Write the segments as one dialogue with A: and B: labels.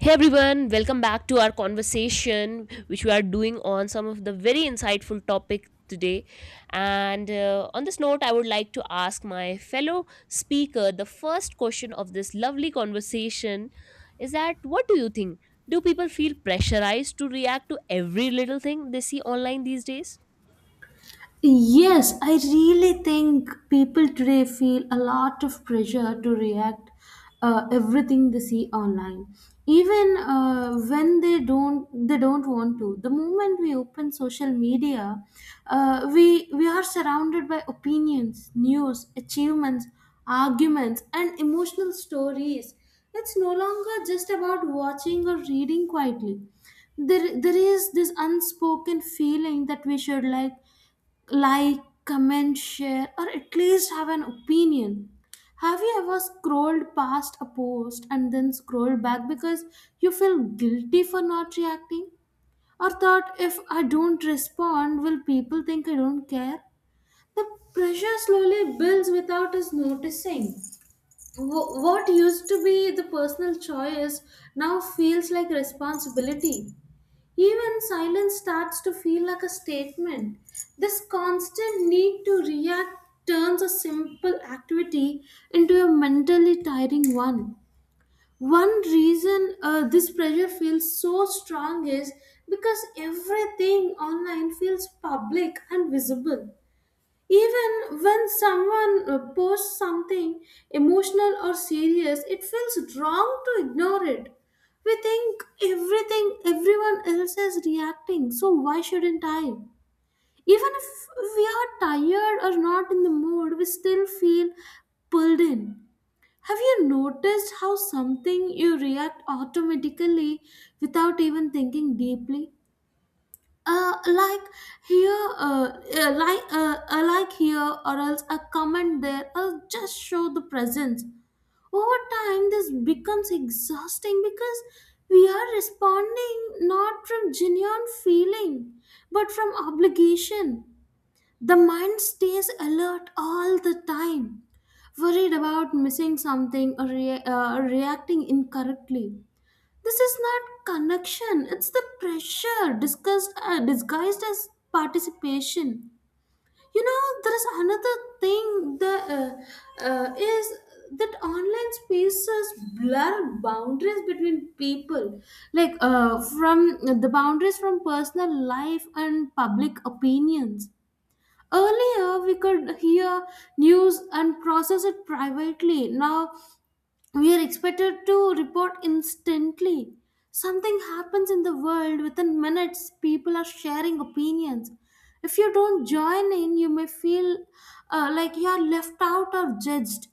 A: Hey everyone, welcome back to our conversation, which we are doing on some of the very insightful topic today. And on this note, I would like to ask my fellow speaker the first question of this lovely conversation is that what do you think? Do people feel pressurized to react to every little thing they see online these days?
B: Yes, I really think people today feel a lot of pressure to react everything they see online, even when they don't want to. The moment we open social media, we are surrounded by opinions, news, achievements, arguments, and emotional stories. It's no longer just about watching or reading quietly. There is this unspoken feeling that we should like, comment, share, or at least have an opinion. Have you ever scrolled past a post and then scrolled back because you feel guilty for not reacting? Or thought, if I don't respond, will people think I don't care? The pressure slowly builds without us noticing. What used to be the personal choice now feels like responsibility. Even silence starts to feel like a statement. This constant need to react turns a simple activity into a mentally tiring one. One reason this pressure feels so strong is because everything online feels public and visible. Even when someone posts something emotional or serious, it feels wrong to ignore it. We think everyone else is reacting, so why shouldn't I? Even if we are tired or not in the mood, we still feel pulled in. Have you noticed how something you react automatically without even thinking deeply? uh, like here, uh, like here, or else a comment there. I'll just show the presence. Over time, this becomes exhausting because we are responding not from genuine feeling, but from obligation. The mind stays alert all the time, worried about missing something or reacting incorrectly. This is not connection, it's the pressure disguised as participation. You know, there is another thing that online spaces blur boundaries between people, like from the boundaries from personal life and public opinions. Earlier, we could hear news and process it privately. Now, we are expected to report instantly. Something happens in the world within minutes, people are sharing opinions. If you don't join in, you may feel like you are left out or judged.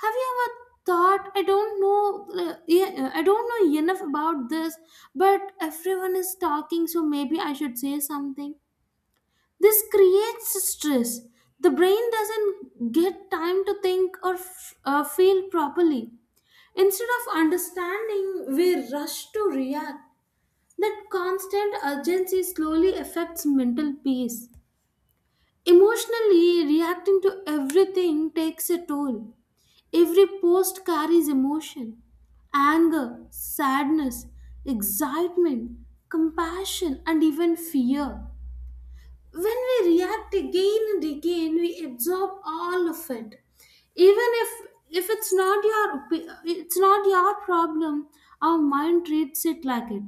B: Have you ever thought, I don't know, yeah, I don't know enough about this, but everyone is talking, so maybe I should say something? This creates stress. The brain doesn't get time to think or feel properly. Instead of understanding, we rush to react. That constant urgency slowly affects mental peace. Emotionally, reacting to everything takes a toll. Every post carries emotion: anger, sadness, excitement, compassion, and even fear. When we react again and again, we absorb all of it. Even if it's not your problem, our mind treats it like it.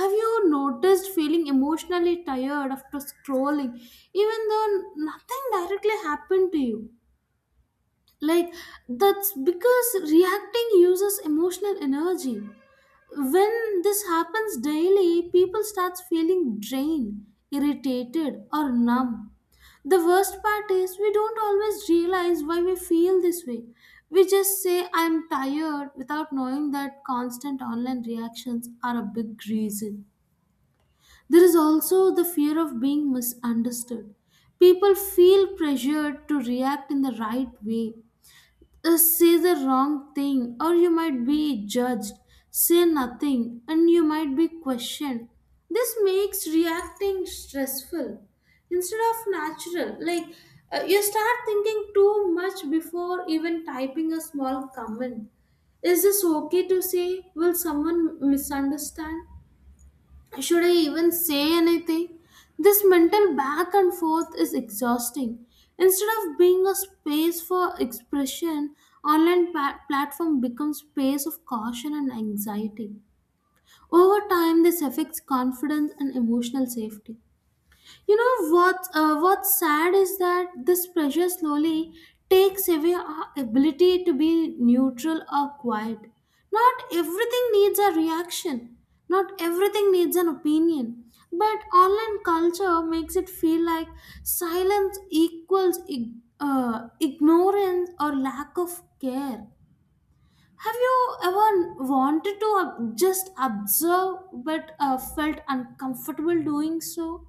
B: Have you noticed feeling emotionally tired after scrolling, even though nothing directly happened to you? Like that's because reacting uses emotional energy. When this happens daily, people starts feeling drained, irritated, or numb. The worst part is we don't always realize why we feel this way. We just say, I'm tired, without knowing that constant online reactions are a big reason. There is also the fear of being misunderstood. People feel pressured to react in the right way. Say the wrong thing or you might be judged. Say nothing and you might be questioned. This makes reacting stressful instead of natural. Like you start thinking too much before even typing a small comment. Is this okay to say? Will someone misunderstand? Should I even say anything? This mental back and forth is exhausting. Instead of being a space for expression, online platform becomes space of caution and anxiety. Over time, this affects confidence and emotional safety. You know what? What's sad is that this pressure slowly takes away our ability to be neutral or quiet. Not everything needs a reaction. Not everything needs an opinion. But online culture makes it feel like silence equals ignorance or lack of care. Have you ever wanted to just observe but felt uncomfortable doing so?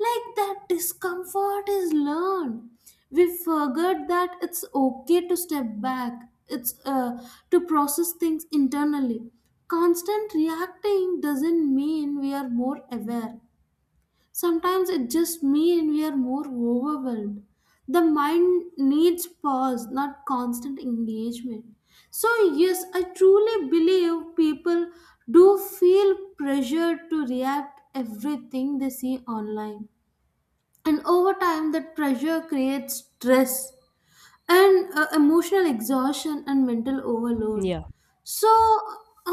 B: Like that discomfort is learned. We forget that it's okay to step back. It's to process things internally. Constant reacting doesn't mean we are more aware. Sometimes it just means we are more overwhelmed. The mind needs pause, not constant engagement. So, yes, I truly believe people do feel pressured to react everything they see online, and over time that pressure creates stress and emotional exhaustion and mental overload.
A: Yeah,
B: So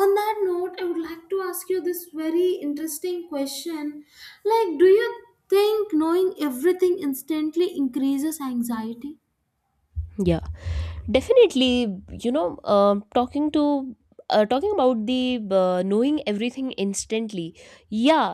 B: on that note, I would like to ask you this very interesting question, like, do you think knowing everything instantly increases anxiety?
A: yeah, definitely. Talking about the knowing everything instantly. Yeah.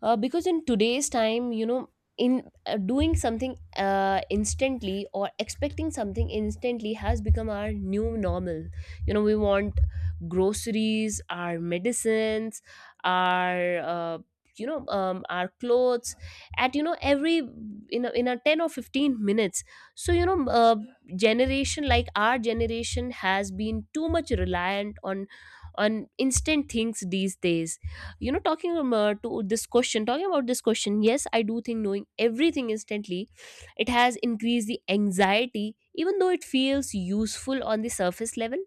A: Because in today's time, you know, in doing something instantly or expecting something instantly has become our new normal. You know, we want groceries, our medicines, our uh, our clothes at, you know, every in a 10 or 15 minutes. So, you know, generation like our generation has been too much reliant on instant things these days. You know, talking about this question, yes, I do think knowing everything instantly, it has increased the anxiety even though it feels useful on the surface level.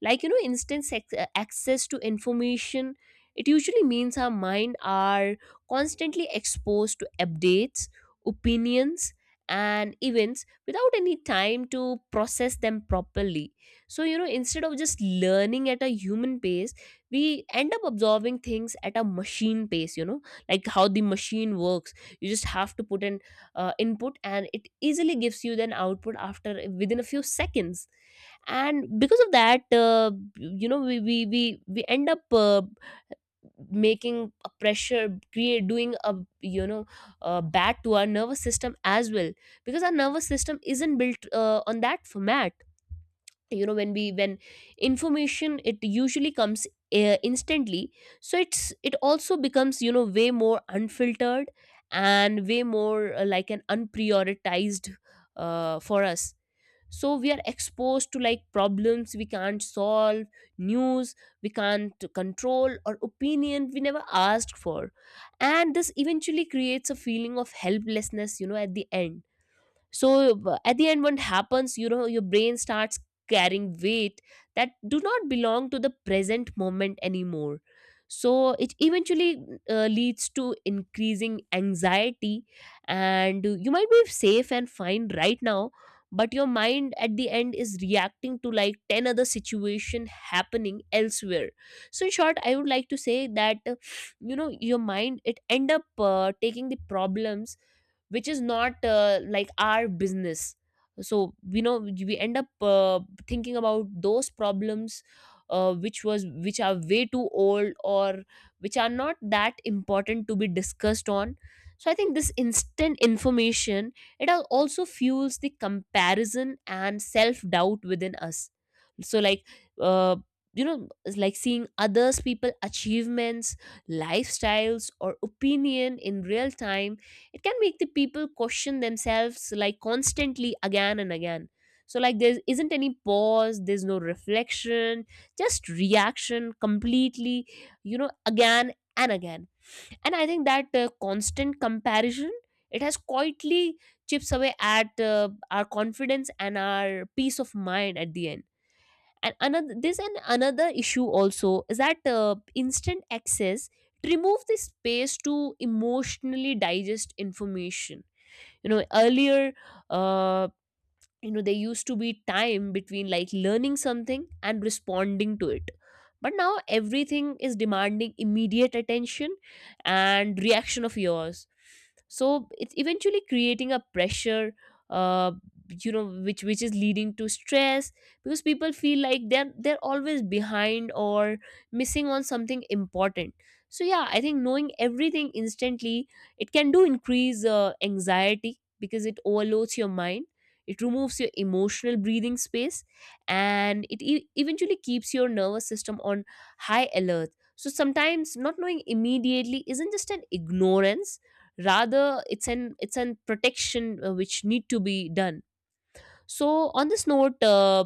A: Like, you know, instant access to information, it usually means our mind are constantly exposed to updates, opinions, and events without any time to process them properly. So, you know, instead of just learning at a human pace, we end up absorbing things at a machine pace, you know, like how the machine works. You just have to put an input and it easily gives you an output after within a few seconds. And because of that, you know, we end up making a pressure, create doing a, you know, bad to our nervous system as well, because our nervous system isn't built on that format. You know, when information, it usually comes instantly. So it also becomes, you know, way more unfiltered and way more, like an unprioritized, for us. So we are exposed to like problems we can't solve, news we can't control, or opinion we never asked for, and this eventually creates a feeling of helplessness, you know, at the end. So, at the end, what happens, you know, your brain starts carrying weight that do not belong to the present moment anymore. So it eventually, leads to increasing anxiety, and you might be safe and fine right now, but your mind at the end is reacting to like 10 other situation happening elsewhere. So in short, I would like to say that, you know, your mind, it end up taking the problems which is not, like our business. So, you know, we end up thinking about those problems, which are way too old or which are not that important to be discussed on. So I think this instant information, it also fuels the comparison and self doubt within us. So, like, uh, you know, it's like seeing others people achievements, lifestyles, or opinion in real time. It can make the people question themselves like constantly again and again. So like there isn't any pause, there's no reflection, just reaction completely, you know, again and again. And I think that constant comparison, it has quietly chips away at, our confidence and our peace of mind at the end. And another issue also is that, instant access, it removes the space to emotionally digest information. You know, earlier, uh, you know, there used to be time between like learning something and responding to it, but now everything is demanding immediate attention and reaction of yours. So it's eventually creating a pressure, uh, you know, which is leading to stress because people feel like they're always behind or missing on something important. So yeah, I think knowing everything instantly, it can do increase anxiety because it overloads your mind, it removes your emotional breathing space, and it eventually keeps your nervous system on high alert. So sometimes not knowing immediately isn't just an ignorance, rather it's an protection, which need to be done. So on this note,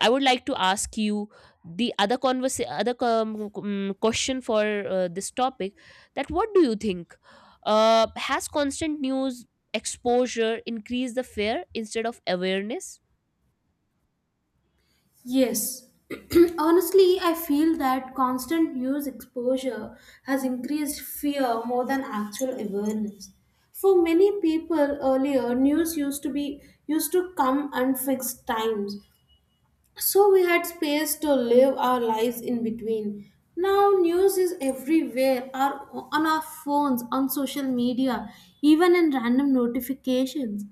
A: I would like to ask you the other question for, this topic, that what do you think, has constant news exposure increased the fear instead of awareness?
B: Yes. Honestly, I feel that constant news exposure has increased fear more than actual awareness. For many people earlier, news used to be used to come at fixed times, so we had space to live our lives in between. Now news is everywhere, on our phones, on social media, even in random notifications.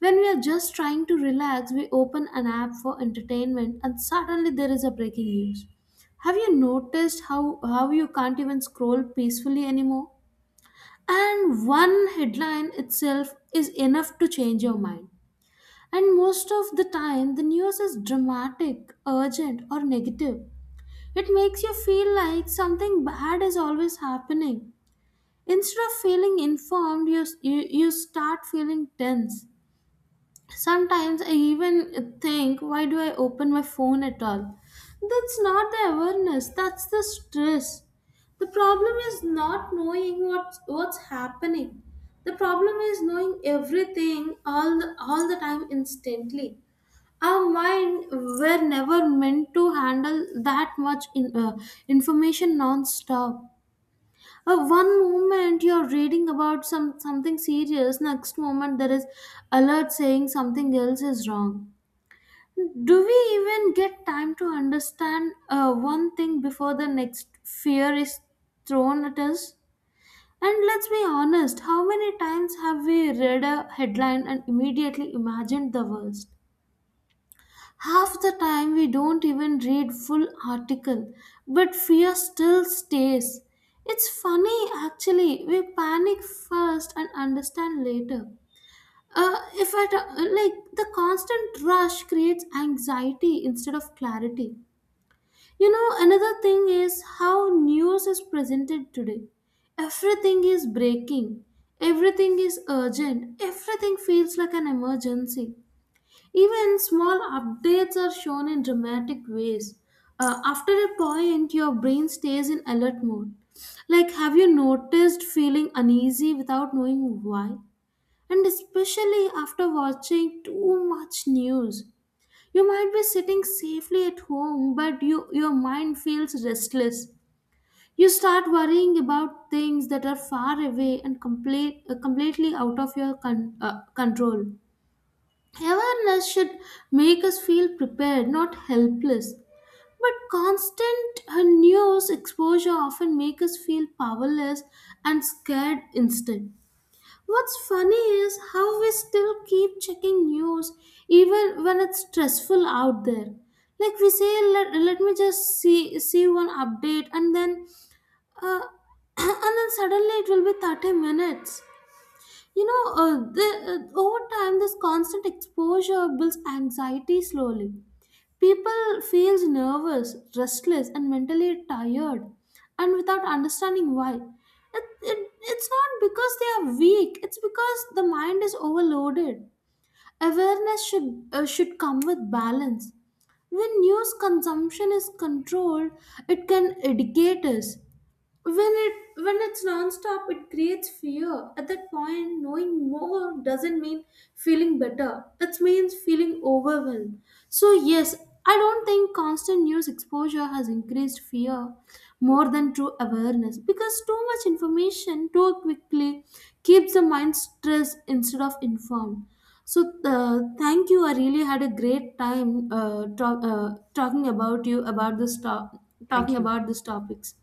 B: When we are just trying to relax, we open an app for entertainment and suddenly there is a breaking news. Have you noticed how you can't even scroll peacefully anymore? And one headline itself is enough to change your mind. And most of the time, the news is dramatic, urgent, or negative. It makes you feel like something bad is always happening. Instead of feeling informed, you start feeling tense. Sometimes I even think, why do I open my phone at all? That's not the awareness, that's the stress. The problem is not knowing what's happening. The problem is knowing everything all the time instantly. Our mind were never meant to handle that much information non-stop. One moment you're reading about something serious, next moment there is alert saying something else is wrong. Do we even get time to understand one thing before the next fear is thrown at us? And let's be honest, how many times have we read a headline and immediately imagined the worst? Half the time we don't even read full article, but fear still stays. It's funny actually. We panic first and understand later. If I t- Like the constant rush creates anxiety instead of clarity. You know, another thing is how news is presented today. Everything is breaking. Everything is urgent. Everything feels like an emergency. Even small updates are shown in dramatic ways. After a point, your brain stays in alert mode. Like, have you noticed feeling uneasy without knowing why? And especially after watching too much news. You might be sitting safely at home, but your mind feels restless. You start worrying about things that are far away and completely out of your control. Awareness should make us feel prepared, not helpless. But constant news exposure often make us feel powerless and scared instead. What's funny is how we still keep checking news even when it's stressful out there. Like we say, let me just see one update and then uh, and then suddenly it will be 30 minutes. You know, over time, this constant exposure builds anxiety slowly. People feels nervous, restless, and mentally tired, and without understanding why. It's not because they are weak. It's because the mind is overloaded. Awareness should come with balance. When news consumption is controlled, it can educate us. When it's nonstop, it creates fear. At that point, knowing more doesn't mean feeling better, it means feeling overwhelmed. So yes, I don't think constant news exposure has increased fear more than true awareness, because too much information too quickly keeps the mind stressed instead of informed. So thank you, I really had a great time talking about this talking
A: Thank you.
B: about these topics.